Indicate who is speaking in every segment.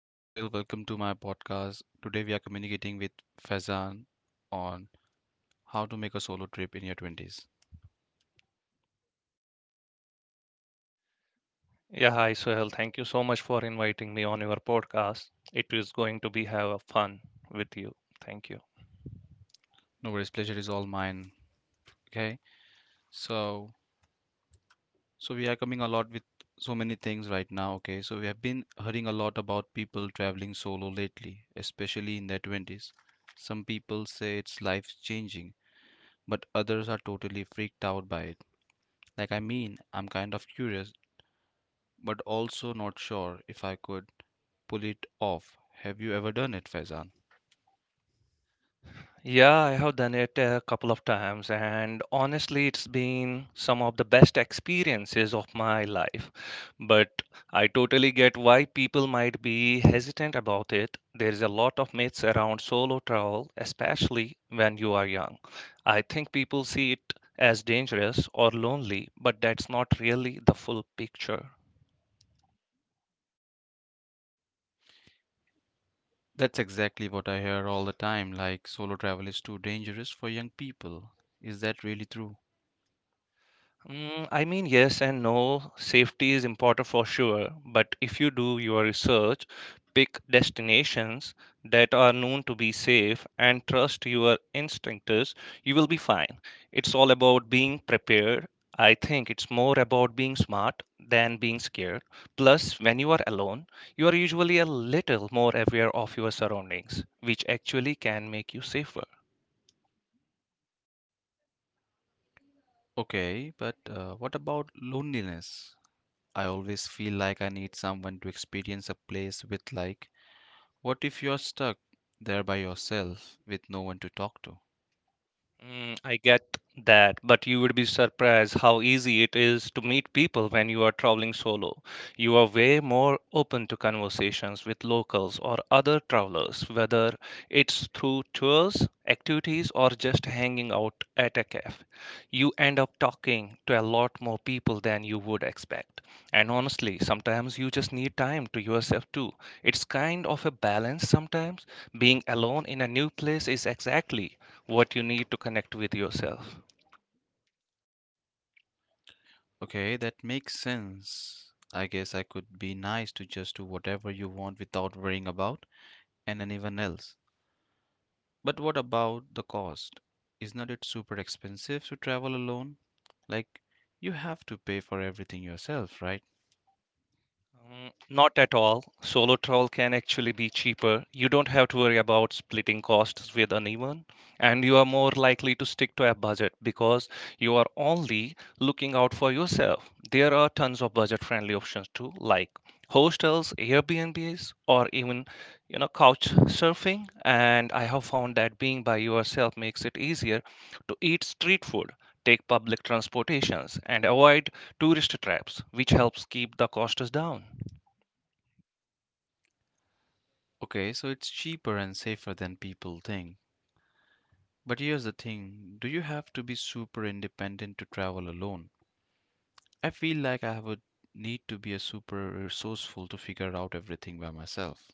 Speaker 1: is Sohail. Welcome to my podcast. Today we are communicating with Faizan on how to make a solo trip in your 20s.
Speaker 2: Yeah, hi Sohail. Thank you so much for inviting me on your podcast. It is going to be have a fun with you. Thank you.
Speaker 1: No worries, pleasure is all mine. Okay, so so we are coming a lot with so many things right now. Okay, so we have been hearing a lot about people traveling solo lately, especially in their 20s. Some people say it's life changing, but others are totally freaked out by it. Like, I mean, I'm kind of curious, but also not sure if I could pull it off. Have you ever done it, Faizan?
Speaker 2: Yeah, I have done it a couple of times, and honestly, it's been some of the best experiences of my life. But I totally get why people might be hesitant about it. There's a lot of myths around solo travel, especially when you are young. I think people see it as dangerous or lonely, but that's not really the full picture.
Speaker 1: That's exactly what I hear all the time, like solo travel is too dangerous for young people. Is that really true?
Speaker 2: I mean, yes and no. Safety is important for sure, but if you do your research, pick destinations that are known to be safe and trust your instincts, you will be fine. It's all about being prepared. I think it's more about being smart than being scared. Plus, when you are alone, you are usually a little more aware of your surroundings, which actually can make you safer.
Speaker 1: Okay, but what about loneliness? I always feel like I need someone to experience a place with, like, what if you're stuck there by yourself with no one to talk to?
Speaker 2: I get that, but you would be surprised how easy it is to meet people when you are traveling solo. You are way more open to conversations with locals or other travelers, whether it's through tours, activities, or just hanging out at a cafe. You end up talking to a lot more people than you would expect. And honestly, sometimes you just need time to yourself too. It's kind of a balance sometimes. Being alone in a new place is exactly what you need to connect with yourself.
Speaker 1: Okay, that makes sense. I guess I could be nice to just do whatever you want without worrying about and anyone else. But what about the cost? Isn't it super expensive to travel alone? Like, you have to pay for everything yourself, right?
Speaker 2: Not at all. Solo travel can actually be cheaper. You don't have to worry about splitting costs with anyone, and you are more likely to stick to a budget because you are only looking out for yourself. There are tons of budget-friendly options too, like hostels, Airbnbs, or even couch surfing. And I have found that being by yourself makes it easier to eat street food, take public transportations, and avoid tourist traps, which helps keep the costs down.
Speaker 1: Okay, so it's cheaper and safer than people think. But here's the thing, do you have to be super independent to travel alone? I feel like I would need to be a super resourceful to figure out everything by myself.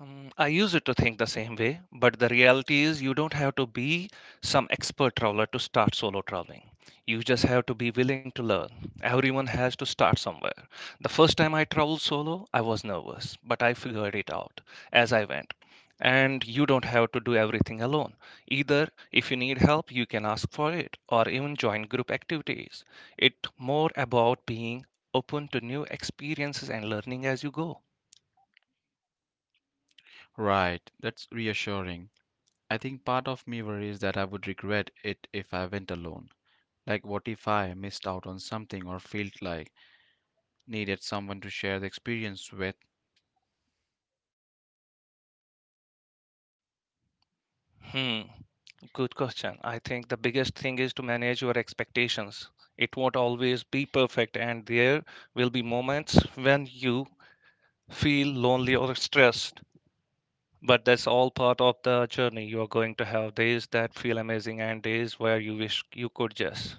Speaker 2: I used to think the same way, but the reality is you don't have to be some expert traveler to start solo traveling. You just have to be willing to learn. Everyone has to start somewhere. The first time I traveled solo, I was nervous, but I figured it out as I went. And you don't have to do everything alone. Either if you need help, you can ask for it or even join group activities. It's more about being open to new experiences and learning as you go.
Speaker 1: Right, that's reassuring. I think part of me worries that I would regret it if I went alone. Like, what if I missed out on something or felt like needed someone to share the experience with?
Speaker 2: Hmm, good question. I think the biggest thing is to manage your expectations. It won't always be perfect, and there will be moments when you feel lonely or stressed. But that's all part of the journey you are going to have. Days that feel amazing and days where you wish you could just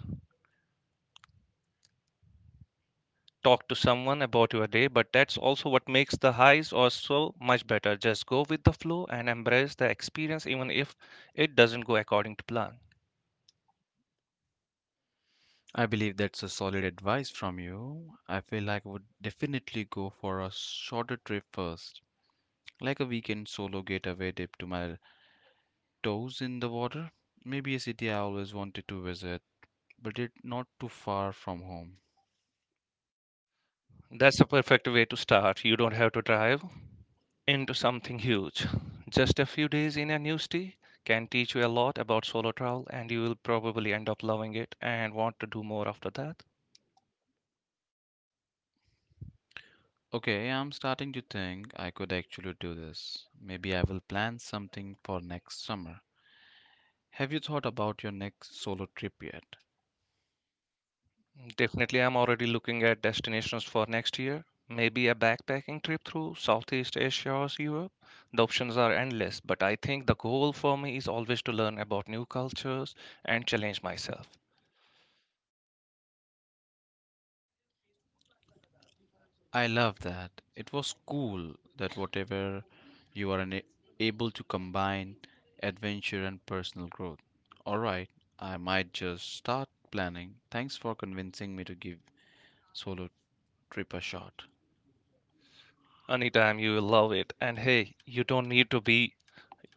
Speaker 2: talk to someone about your day, but that's also what makes the highs or so much better. Just go with the flow and embrace the experience, even if it doesn't go according to plan.
Speaker 1: I believe that's a solid advice from you. I feel like I would definitely go for a shorter trip first, like a weekend solo getaway dip to my toes in the water. Maybe a city I always wanted to visit, but it not too far from home.
Speaker 2: That's a perfect way to start. You don't have to drive, into something huge. Just a few days in a new city can teach you a lot about solo travel, and you will probably end up loving it and want to do more after that.
Speaker 1: Okay, I'm starting to think I could actually do this. Maybe I will plan something for next summer. Have you thought about your next solo trip yet?
Speaker 2: Definitely, I'm already looking at destinations for next year. Maybe a backpacking trip through Southeast Asia or Europe. The options are endless, but I think the goal for me is always to learn about new cultures and challenge myself.
Speaker 1: I love that. It was cool that whatever you are able to combine adventure and personal growth. All right, I might just start planning. Thanks for convincing me to give solo trip a shot.
Speaker 2: Anytime, you will love it. And hey, you don't need to be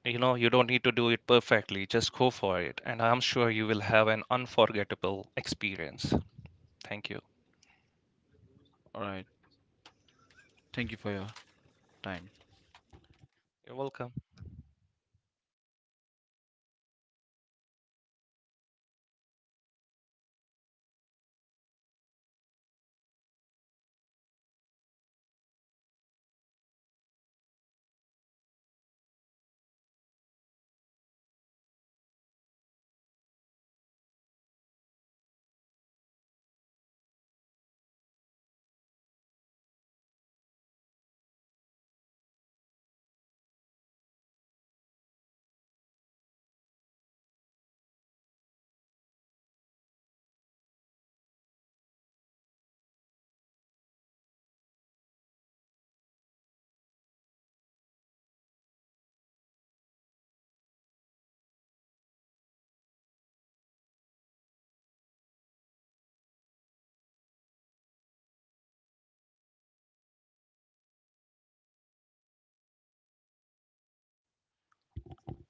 Speaker 2: you don't need to do it perfectly. Just go for it, and I'm sure you will have an unforgettable experience. Thank you.
Speaker 1: All right, thank you for your time.
Speaker 2: You're welcome.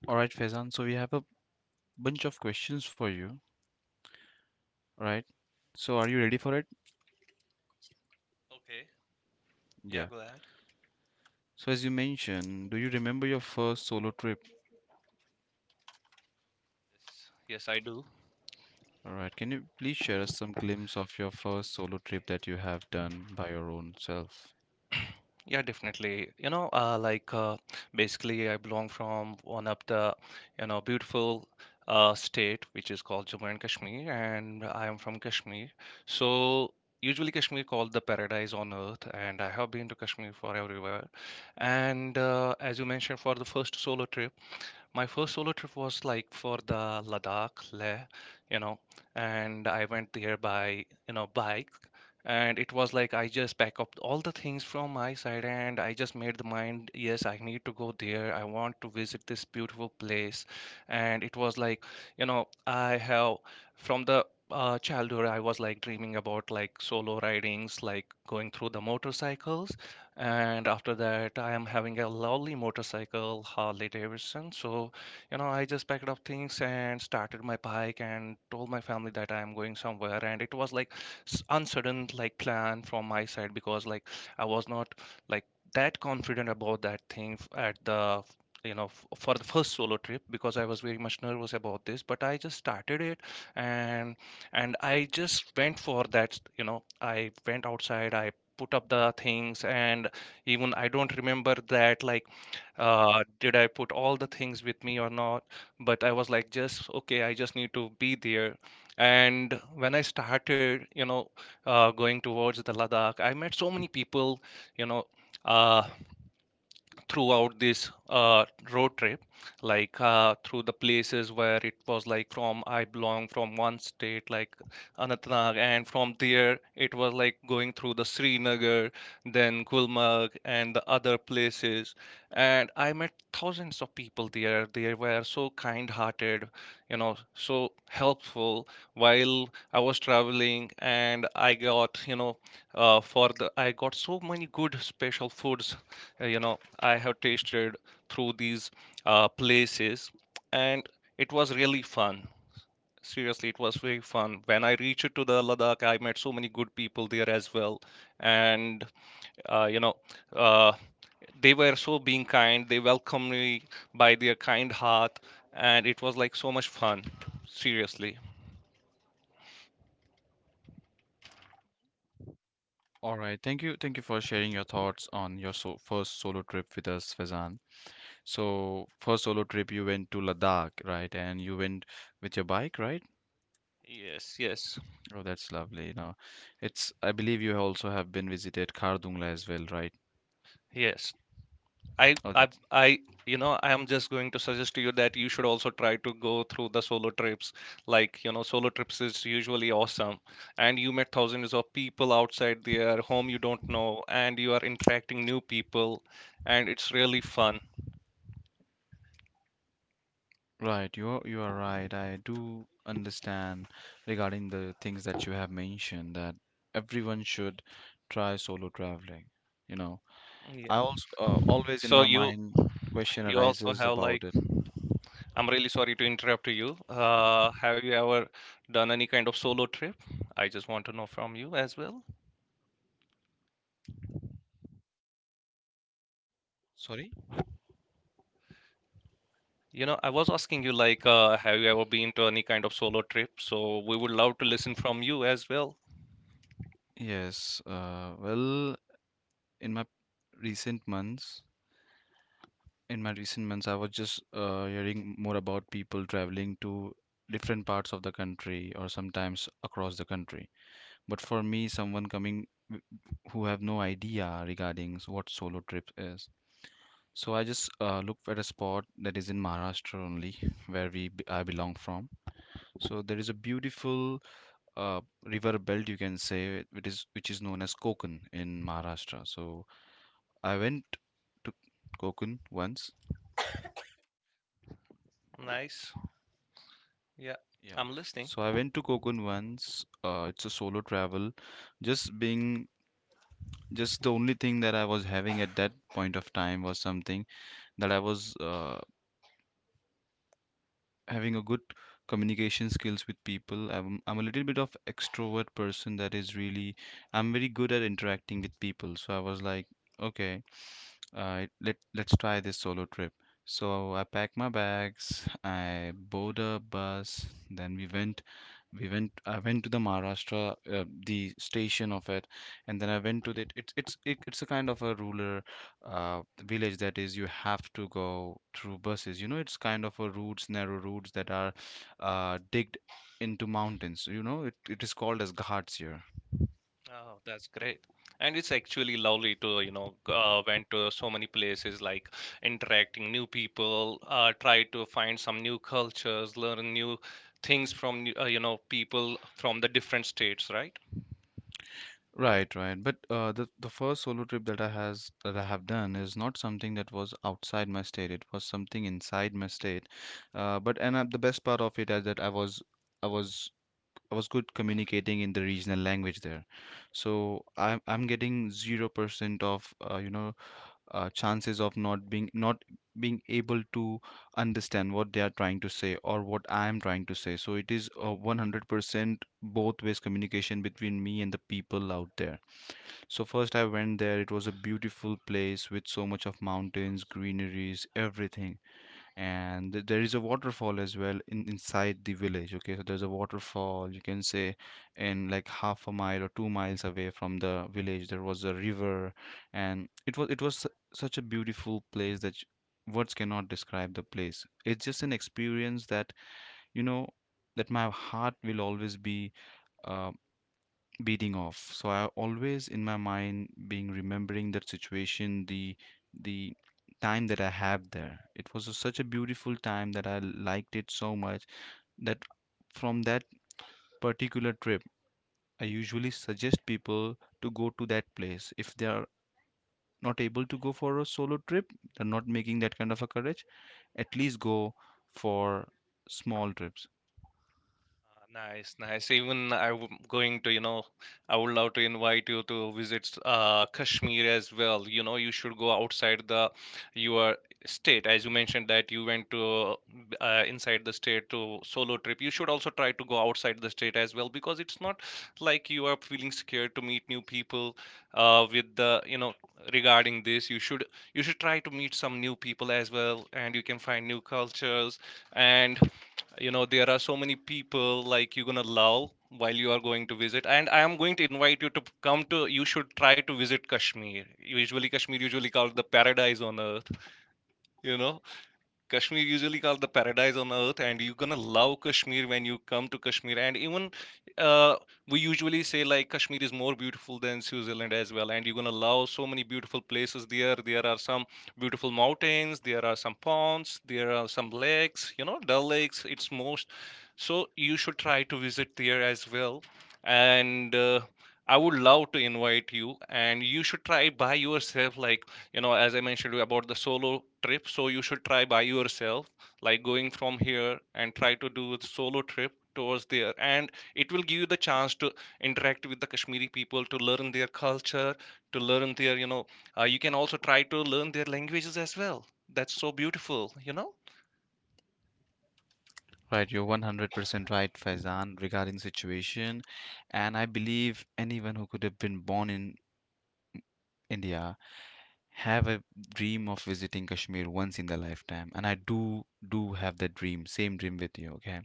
Speaker 1: All right, Faizan, so we have a bunch of questions for you. Alright, so are you ready for it?
Speaker 2: Okay. Yeah,
Speaker 1: Yeah.
Speaker 2: go ahead.
Speaker 1: So, as you mentioned, do you remember your first solo trip?
Speaker 2: Yes, yes I do.
Speaker 1: Alright, can you please share us some glimpse of your first solo trip that you have done by your own self?
Speaker 2: Yeah, definitely. Basically, I belong from one of the, beautiful state which is called Jammu and Kashmir, and I am from Kashmir. So usually, Kashmir called the paradise on earth, and I have been to Kashmir for everywhere. And as you mentioned, for the first solo trip my first solo trip was like for the Ladakh, Leh, you know, and I went there by, bike. And it was like I just pack up all the things from my side and I just made the mind, yes, I need to go there. I want to visit this beautiful place. And it was like, I have from the childhood, I was like dreaming about like solo ridings, like going through the motorcycles. And after that, I am having a lovely motorcycle, Harley Davidson. So I just packed up things and started my bike and told my family that I am going somewhere. And it was like uncertain like plan from my side, because like I was not like that confident about that thing at the for the first solo trip, because I was very much nervous about this. But I just started it. And and I just went for that. I went outside, I put up the things. And even I don't remember that, like, did I put all the things with me or not? But I was like, just okay, I just need to be there. And when I started, going towards the Ladakh, I met so many people, you know, uh, throughout this road trip, like through the places where it was like from I belong from one state like Anantnag, and from there it was like going through the Srinagar, then Gulmarg and the other places. And I met thousands of people there. They were so kind hearted, so helpful while I was traveling. And I got, you know for the I got so many good special foods, uh, you know I have tasted through these places. And it was really fun. Seriously, it was very fun. When I reached to the Ladakh, I met so many good people there as well. And uh, you know, uh, they were so being kind. They welcomed me by their kind heart, and it was like so much fun. Seriously,
Speaker 1: Alright, thank you for sharing your thoughts on your so first solo trip with us, Fazan. So, first solo trip you went to Ladakh, right? And you went with your bike, right?
Speaker 2: yes, yes,
Speaker 1: Oh, that's lovely. Now, it's I believe you also have been visited Khardungla as well, right?
Speaker 2: yes. I,
Speaker 1: Oh,
Speaker 2: I,
Speaker 1: that.
Speaker 2: I, I am just going to suggest to you that you should also try to go through the solo trips. Like, solo trips is usually awesome, and you met thousands of people outside there, whom you don't know, and you are interacting new people, and it's really fun.
Speaker 1: Right, you are right. I do understand regarding the things that you have mentioned that everyone should try solo traveling. You know,
Speaker 2: Yeah.
Speaker 1: I also always in
Speaker 2: So
Speaker 1: my
Speaker 2: you
Speaker 1: mind question
Speaker 2: you also
Speaker 1: arises
Speaker 2: have like,
Speaker 1: about it.
Speaker 2: I'm really sorry to interrupt you. Have you ever done any kind of solo trip? I just want to know from you as well.
Speaker 1: Sorry?
Speaker 2: You know, I was asking you, like, have you ever been to any kind of solo trip? So we would love to listen from you as well.
Speaker 1: Yes, well, in my recent months, I was just hearing more about people traveling to different parts of the country or sometimes across the country. But for me, someone coming who have no idea regarding what solo trip is. So I just looked at a spot that is in Maharashtra only, where I belong from. So there is a beautiful uh, river belt you can say, which is known as Konkan in Maharashtra. So I went to Konkan once.
Speaker 2: Nice. Yeah,
Speaker 1: Yeah.
Speaker 2: I'm listening.
Speaker 1: So I went to Konkan once. It's a solo travel. Just being, just the only thing that I was having at that point of time was something that I was having a good communication skills with people. I'm a little bit of extrovert person that is really I'm very good at interacting with people. So I was like, okay, let's try this solo trip. So I packed my bags, I boarded a bus, then we went I went to the Maharashtra, the station of it, and then I went to the it's it, it's a kind of a rural village that is you have to go through buses. It's kind of a routes narrow routes that are digged into mountains. It is called as ghats here.
Speaker 2: Oh, that's great. And it's actually lovely to, went to so many places like interacting new people, try to find some new cultures, learn new things from, people from the different states, right?
Speaker 1: Right, right, but the first solo trip that I have done is not something that was outside my state. It was something inside my state, but and the best part of it is that I was I was good communicating in the regional language there, so I'm getting 0% of chances of not being able to understand what they are trying to say or what I am trying to say. So it is a 100% both ways communication between me and the people out there. So first I went there. It was a beautiful place with so much of mountains, greeneries, everything, and there is a waterfall as well in inside the village. Okay, so there's a waterfall you can say in like half a mile or 2 miles away from the village there was a river, and it was such a beautiful place that words cannot describe the place. It's just an experience that you know that my heart will always be uh, beating off. So I always in my mind being remembering that situation, the time that I have there. It was such a beautiful time that I liked it so much that from that particular trip, I usually suggest people to go to that place. If they are not able to go for a solo trip, they're not making that kind of a courage, at least go for small trips.
Speaker 2: Nice, nice. Even I'm going to, I would love to invite you to visit Kashmir as well. You know, you should go outside the your state. As you mentioned that you went to inside the state to solo trip. You should also try to go outside the state as well, because it's not like you are feeling scared to meet new people with the, regarding this. You should try to meet some new people as well, and you can find new cultures. And you know, there are so many people like you're gonna love while you are going to visit. And I am going to invite you to p- come to you should try to visit Kashmir. Usually called the paradise on earth. you know Kashmir usually called the paradise on earth, and you're gonna love Kashmir when you come to Kashmir. And even uh, we usually say like Kashmir is more beautiful than Switzerland as well, and you're gonna love so many beautiful places there. There are some beautiful mountains, there are some ponds, there are some lakes. You know, Dal Lakes. It's most. So you should try to visit there as well. And I would love to invite you, and you should try by yourself. Like, you know, as I mentioned about the solo trip, so you should try by yourself, like going from here and try to do a solo trip towards there. And it will give you the chance to interact with the Kashmiri people, to learn their culture, to learn their, you can also try to learn their languages as well. That's so beautiful, you know.
Speaker 1: Right, you're 100% right, Faizan, regarding situation. And I believe anyone who could have been born in India have a dream of visiting Kashmir once in their lifetime. And I do have that dream, same dream with you, okay?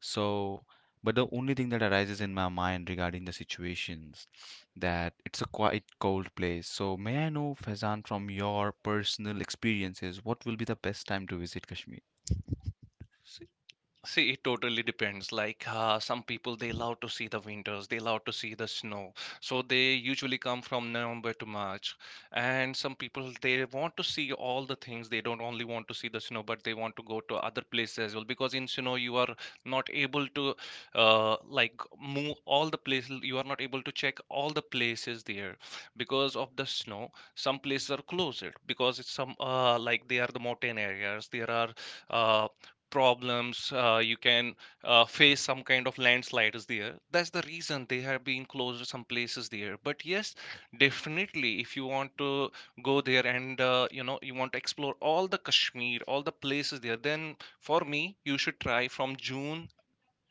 Speaker 1: So, but the only thing that arises in my mind regarding the situations, that it's a quite cold place. So, may I know, Faizan, from your personal experiences, what will be the best time to visit Kashmir?
Speaker 2: See, it totally depends. Like some people, they love to see the winters, they love to see the snow. So they usually come from November to March. And some people, they want to see all the things. They don't only want to see the snow, but they want to go to other places as well. Because in snow, you are not able to like move all the places. You are not able to check all the places there because of the snow. Some places are closed because it's some like they are the mountain areas. There are uh, problems, you can face some kind of landslide is there. That's the reason they have been closed some places there. But yes, definitely if you want to go there and you know, you want to explore all the Kashmir, all the places there, then for me you should try from June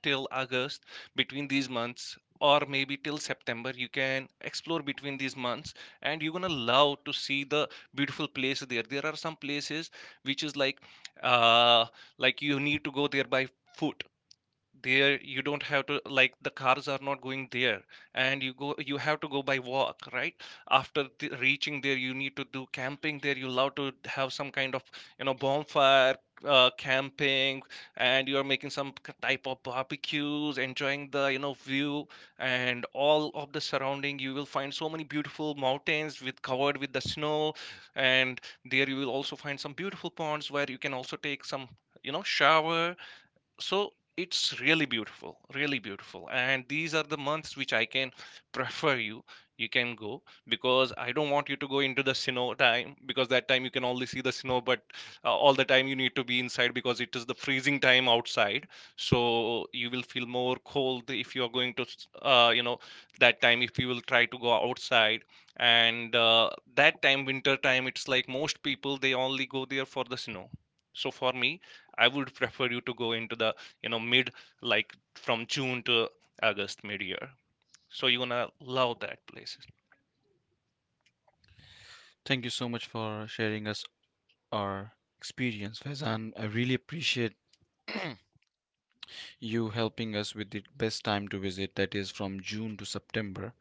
Speaker 2: till August, between these months, or maybe till September. You can explore between these months and you're gonna love to see the beautiful place there. There are some places which is like, uh like you need to go there by foot. There you don't have to, like the cars are not going there and you go, you have to go by walk, right? After the, reaching there you need to do camping there. You love to have some kind of, you know, bonfire, camping, and you are making some type of barbecues, enjoying the, you know, view and all of the surrounding. You will find so many beautiful mountains with covered with the snow, and there you will also find some beautiful ponds where you can also take some, you know, shower. So it's really beautiful, really beautiful, and these are the months which I can prefer you, you can go, because I don't want you to go into the snow time, because that time you can only see the snow. But all the time you need to be inside because it is the freezing time outside. So you will feel more cold if you are going to you know, that time, if you will try to go outside. And that time, winter time, it's like most people they only go there for the snow. So for me, I would prefer you to go into the, you know, mid, like from June to August, mid year. So you're gonna love that place.
Speaker 1: Thank you so much for sharing us our experience, Faizan. I really appreciate you helping us with the best time to visit, that is from June to September.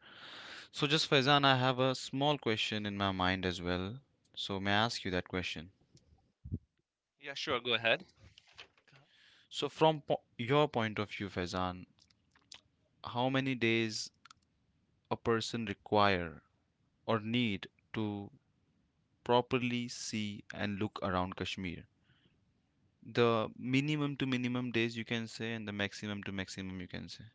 Speaker 1: So, just Faizan, I have a small question in my mind as well. So, may I ask you that question?
Speaker 2: Yeah, sure. Go ahead.
Speaker 1: So, from your point of view, Faizan, how many days a person require or need to properly see and look around Kashmir? The minimum to minimum days you can say, and the maximum to maximum you can say.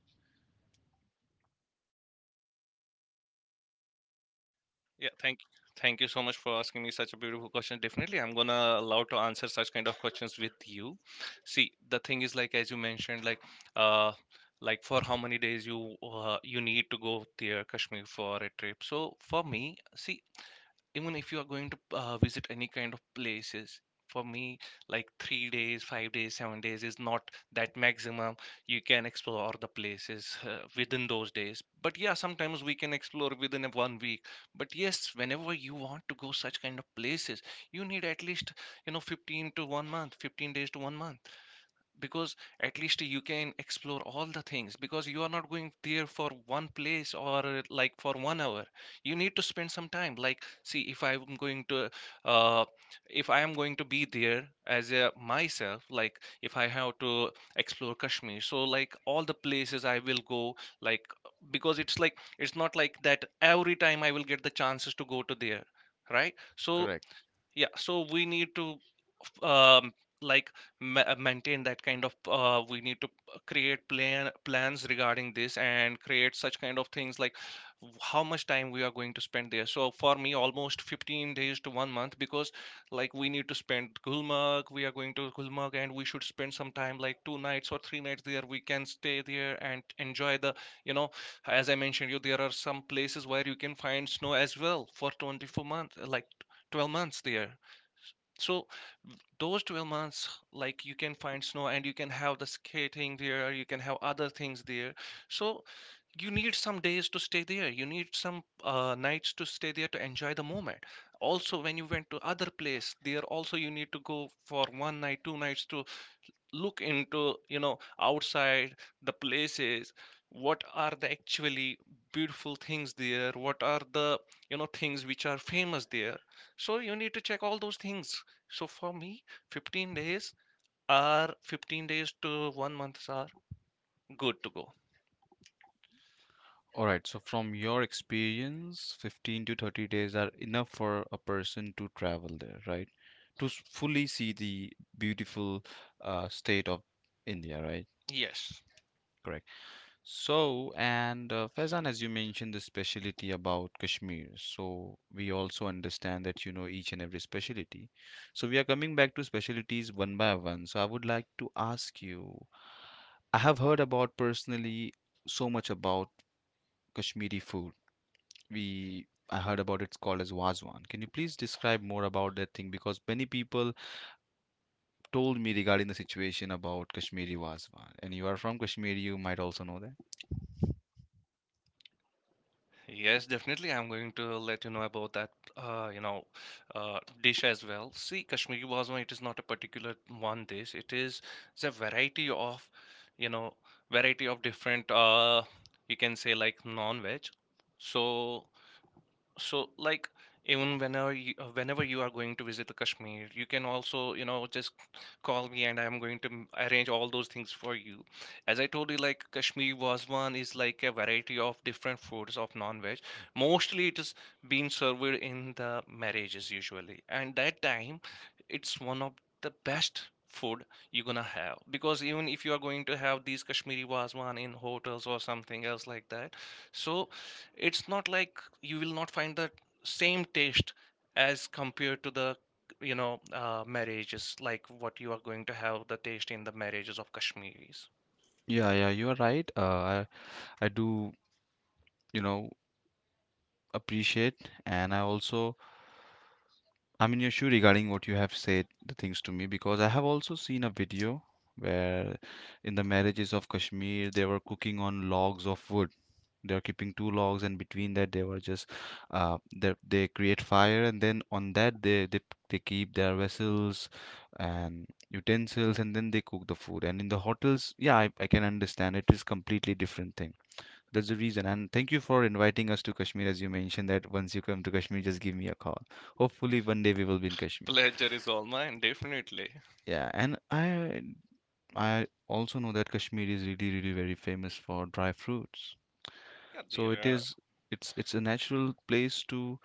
Speaker 2: Yeah, thank you so much for asking me such a beautiful question. Definitely, I'm gonna allow to answer such kind of questions with you. See, the thing is like as you mentioned, like, uh, like for how many days you you need to go there Kashmir for a trip. So for me, see, even if you are going to visit any kind of places, for me, like 3 days, 5 days, 7 days is not that maximum. You can explore the places within those days, but yeah, sometimes we can explore within a one week. But yes, whenever you want to go such kind of places, you need at least, you know, 15 to one month, 15 days to one month, because at least you can explore all the things, because you are not going there for one place or, like for 1 hour. You need to spend some time. Like see, if I am going to, uh, if I am going to be there as a myself, like if I have to explore Kashmir, so like all the places I will go, like, because it's like, it's not like that every time I will get the chances to go to there, right? So
Speaker 1: Correct.
Speaker 2: yeah, so we need to f- um like maintain that kind of, we need to create plans regarding this and create such kind of things, like how much time we are going to spend there. So for me almost 15 days to one month, because like we need to spend Gulmarg, we are going to Gulmarg, and we should spend some time like two nights or three nights there. We can stay there and enjoy the, you know, as I mentioned you, there are some places where you can find snow as well for 24 months, like 12 months there. So those 12 months, like you can find snow and you can have the skating there, you can have other things there. So you need some days to stay there, you need some nights to stay there to enjoy the moment. Also, when you went to other place, there also you need to go for one night, two nights, to look into, you know, outside the places, what are the actually beautiful things there, what are the, you know, things which are famous there. So you need to check all those things. So for me, 15 days are, 15 days to 1 month are good to go.
Speaker 1: All right. So, from your experience, 15 to 30 days are enough for a person to travel there, right? To fully see the beautiful state of India, right?
Speaker 2: Yes.
Speaker 1: Correct. So, and Faizan, as you mentioned the specialty about Kashmir, so we also understand that you know each and every specialty. So we are coming back to specialties one by one. So I would like to ask you, I have heard about personally so much about Kashmiri food. We I heard about it's called as Wazwan. Can you please describe more about that thing? Because many people told me regarding the situation about Kashmiri Wazwan. And you are from Kashmir, you might also know that.
Speaker 2: Yes, definitely. I'm going to let you know about that, you know, dish as well. See, Kashmiri Wazwan, it is not a particular one dish. It is, it's a variety of, you know, variety of different, you can say like non-veg. So, so like even whenever you are going to visit the Kashmir, you can also, you know, just call me and I'm going to arrange all those things for you, as I told you. Like Kashmiri Wazwan is like a variety of different foods of non-veg. Mostly it is being served in the marriages usually, and that time it's one of the best food you're gonna have. Because even if you are going to have these Kashmiri Wazwan in hotels or something else like that, so it's not like you will not find the same taste as compared to the, you know, marriages, like what you are going to have the taste in the marriages of Kashmiris.
Speaker 1: Yeah, yeah, you are right. I do, you know, appreciate, and I also I'm in your shoe regarding what you have said the things to me, because I have also seen a video where in the marriages of Kashmir they were cooking on logs of wood. They are keeping two logs, and between that they were just they create fire, and then on that they keep their vessels and utensils, and then they cook the food. And in the hotels, yeah, I can understand it is completely different thing. That's the reason. And thank you for inviting us to Kashmir, as you mentioned that once you come to Kashmir just give me a call. Hopefully one day we will be in Kashmir.
Speaker 2: Pleasure is all mine, definitely.
Speaker 1: Yeah, and I also know that Kashmir is really really very famous for dry fruits.
Speaker 2: Yeah, the,
Speaker 1: So it
Speaker 2: uh,
Speaker 1: is it's a natural place to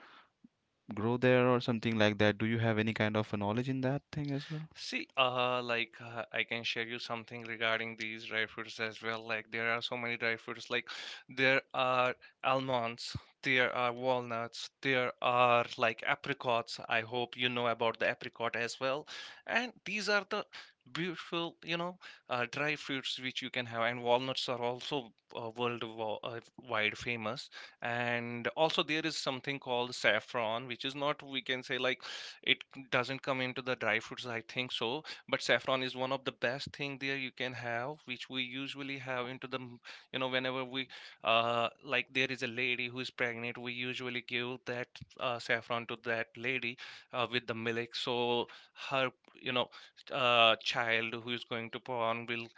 Speaker 1: grow there or something like that. Do you have any kind of a knowledge in that thing as well?
Speaker 2: see, like I can share you something regarding these dry fruits as well. Like there are so many dry fruits. Like there are almonds, there are walnuts, there are like apricots. I hope you know about the apricot as well. And these are the beautiful, you know, dry fruits which you can have. And walnuts are also worldwide famous. And also there is something called saffron, which is not, we can say like, it doesn't come into the dry fruits, I think so. But saffron is one of the best thing there you can have, which we usually have into the you know, whenever we, like there is a lady who is pregnant, we usually give that saffron to that lady, with the milk. So her, you know, child who is going to born will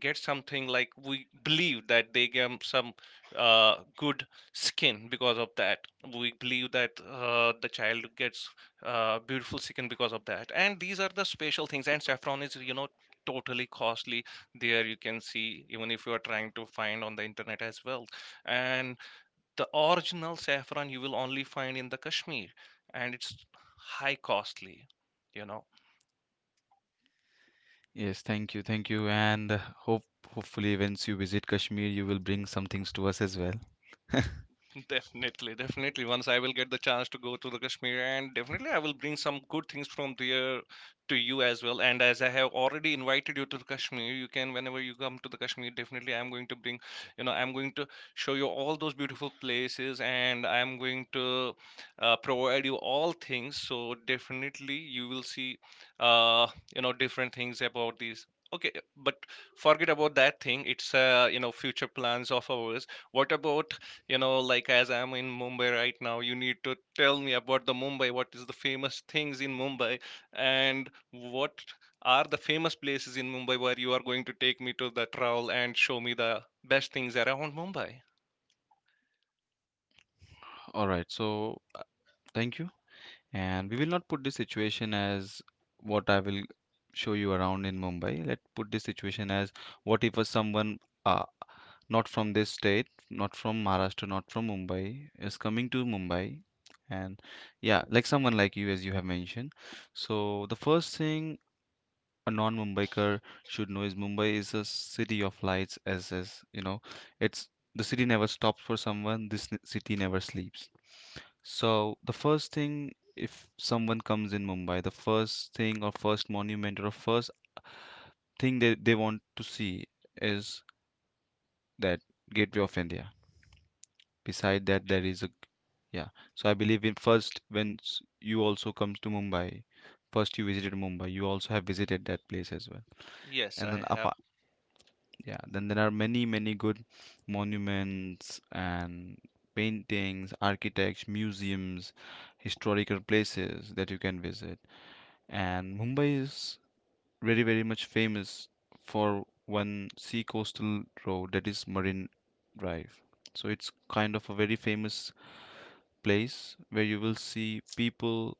Speaker 2: get something, like we believe that they get some good skin because of that. We believe that the child gets beautiful skin because of that, and these are the special things. And saffron is, you know, totally costly there, you can see. Even if you are trying to find on the internet as well, and the original saffron you will only find in the Kashmir, and it's high costly, you know.
Speaker 1: Yes, thank you, and hopefully once you visit Kashmir, you will bring some things to us as well.
Speaker 2: Definitely, definitely. Once I will get the chance to go to the Kashmir, and definitely I will bring some good things from there to you as well. And as I have already invited you to the Kashmir, you can whenever you come to the Kashmir, definitely I'm going to bring, you know, I'm going to show you all those beautiful places, and I'm going to provide you all things. So definitely you will see, uh, you know, different things about these. Okay, but forget about that thing. It's you know, future plans of ours. What about, you know, like as I'm in Mumbai right now, you need to tell me about the Mumbai, what is the famous things in Mumbai, and what are the famous places in Mumbai where you are going to take me to the travel and show me the best things around Mumbai?
Speaker 1: All right, so thank you, and we will not put this situation as what I will show you around in Mumbai. Let put this situation as what if a someone uh, not from this state, not from Maharashtra, not from Mumbai, is coming to Mumbai. And yeah, like someone like you, as you have mentioned. So, the first thing a non Mumbaiker should know is Mumbai is a city of lights, as you know, it's the city never stops for someone, this city never sleeps. So, the first thing, if someone comes in Mumbai, the first thing or first monument or first thing they want to see is that Gateway of India. Beside that,
Speaker 2: Okay.
Speaker 1: there is a, yeah. So I believe in first when you also comes to Mumbai, first you visited Mumbai, you also have visited that place as well.
Speaker 2: Yes,
Speaker 1: And
Speaker 2: I
Speaker 1: then
Speaker 2: have.
Speaker 1: apart, yeah, then there are many many good monuments and paintings, architects, museums, historical places that you can visit. And Mumbai is very very much famous for one sea coastal road that is Marine Drive. So it's kind of a very famous place where you will see people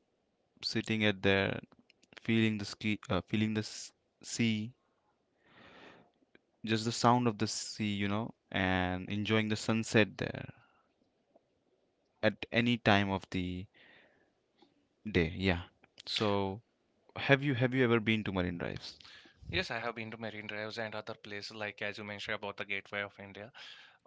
Speaker 1: sitting at there feeling the sea, just the sound of the sea, and enjoying the sunset there at any time of the day, yeah. So have you ever been to marine drives?
Speaker 2: Yes, I have been to Marine Drives and other places, like as you mentioned about the Gateway of India.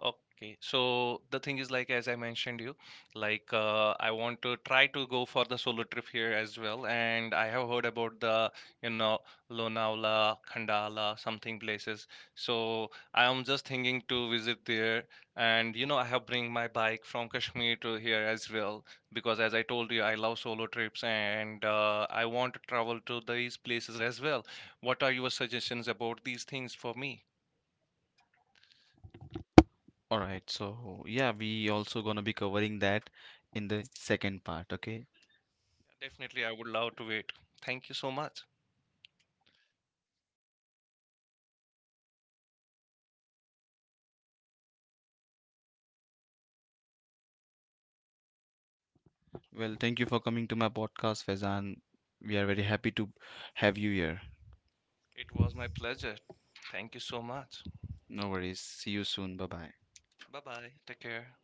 Speaker 2: Okay, so the thing is like as I mentioned you, like, I want to try to go for the solo trip here as well, and I have heard about the, you know, Lonavala, Khandala, something places. So I am just thinking to visit there, and you know, I have bring my bike from Kashmir to here as well, because as I told you, I love solo trips, and I want to travel to these places as well. What are your suggestions about these things for me?
Speaker 1: All right, so yeah, we also gonna be covering that in the second part, okay.
Speaker 2: Definitely, I would love to wait. Thank you so much.
Speaker 1: Well, thank you for coming to my podcast, Faizan. We are very happy to have you here.
Speaker 2: It was my pleasure. Thank you so much.
Speaker 1: No worries, see you soon, bye bye.
Speaker 2: Bye bye. Take care.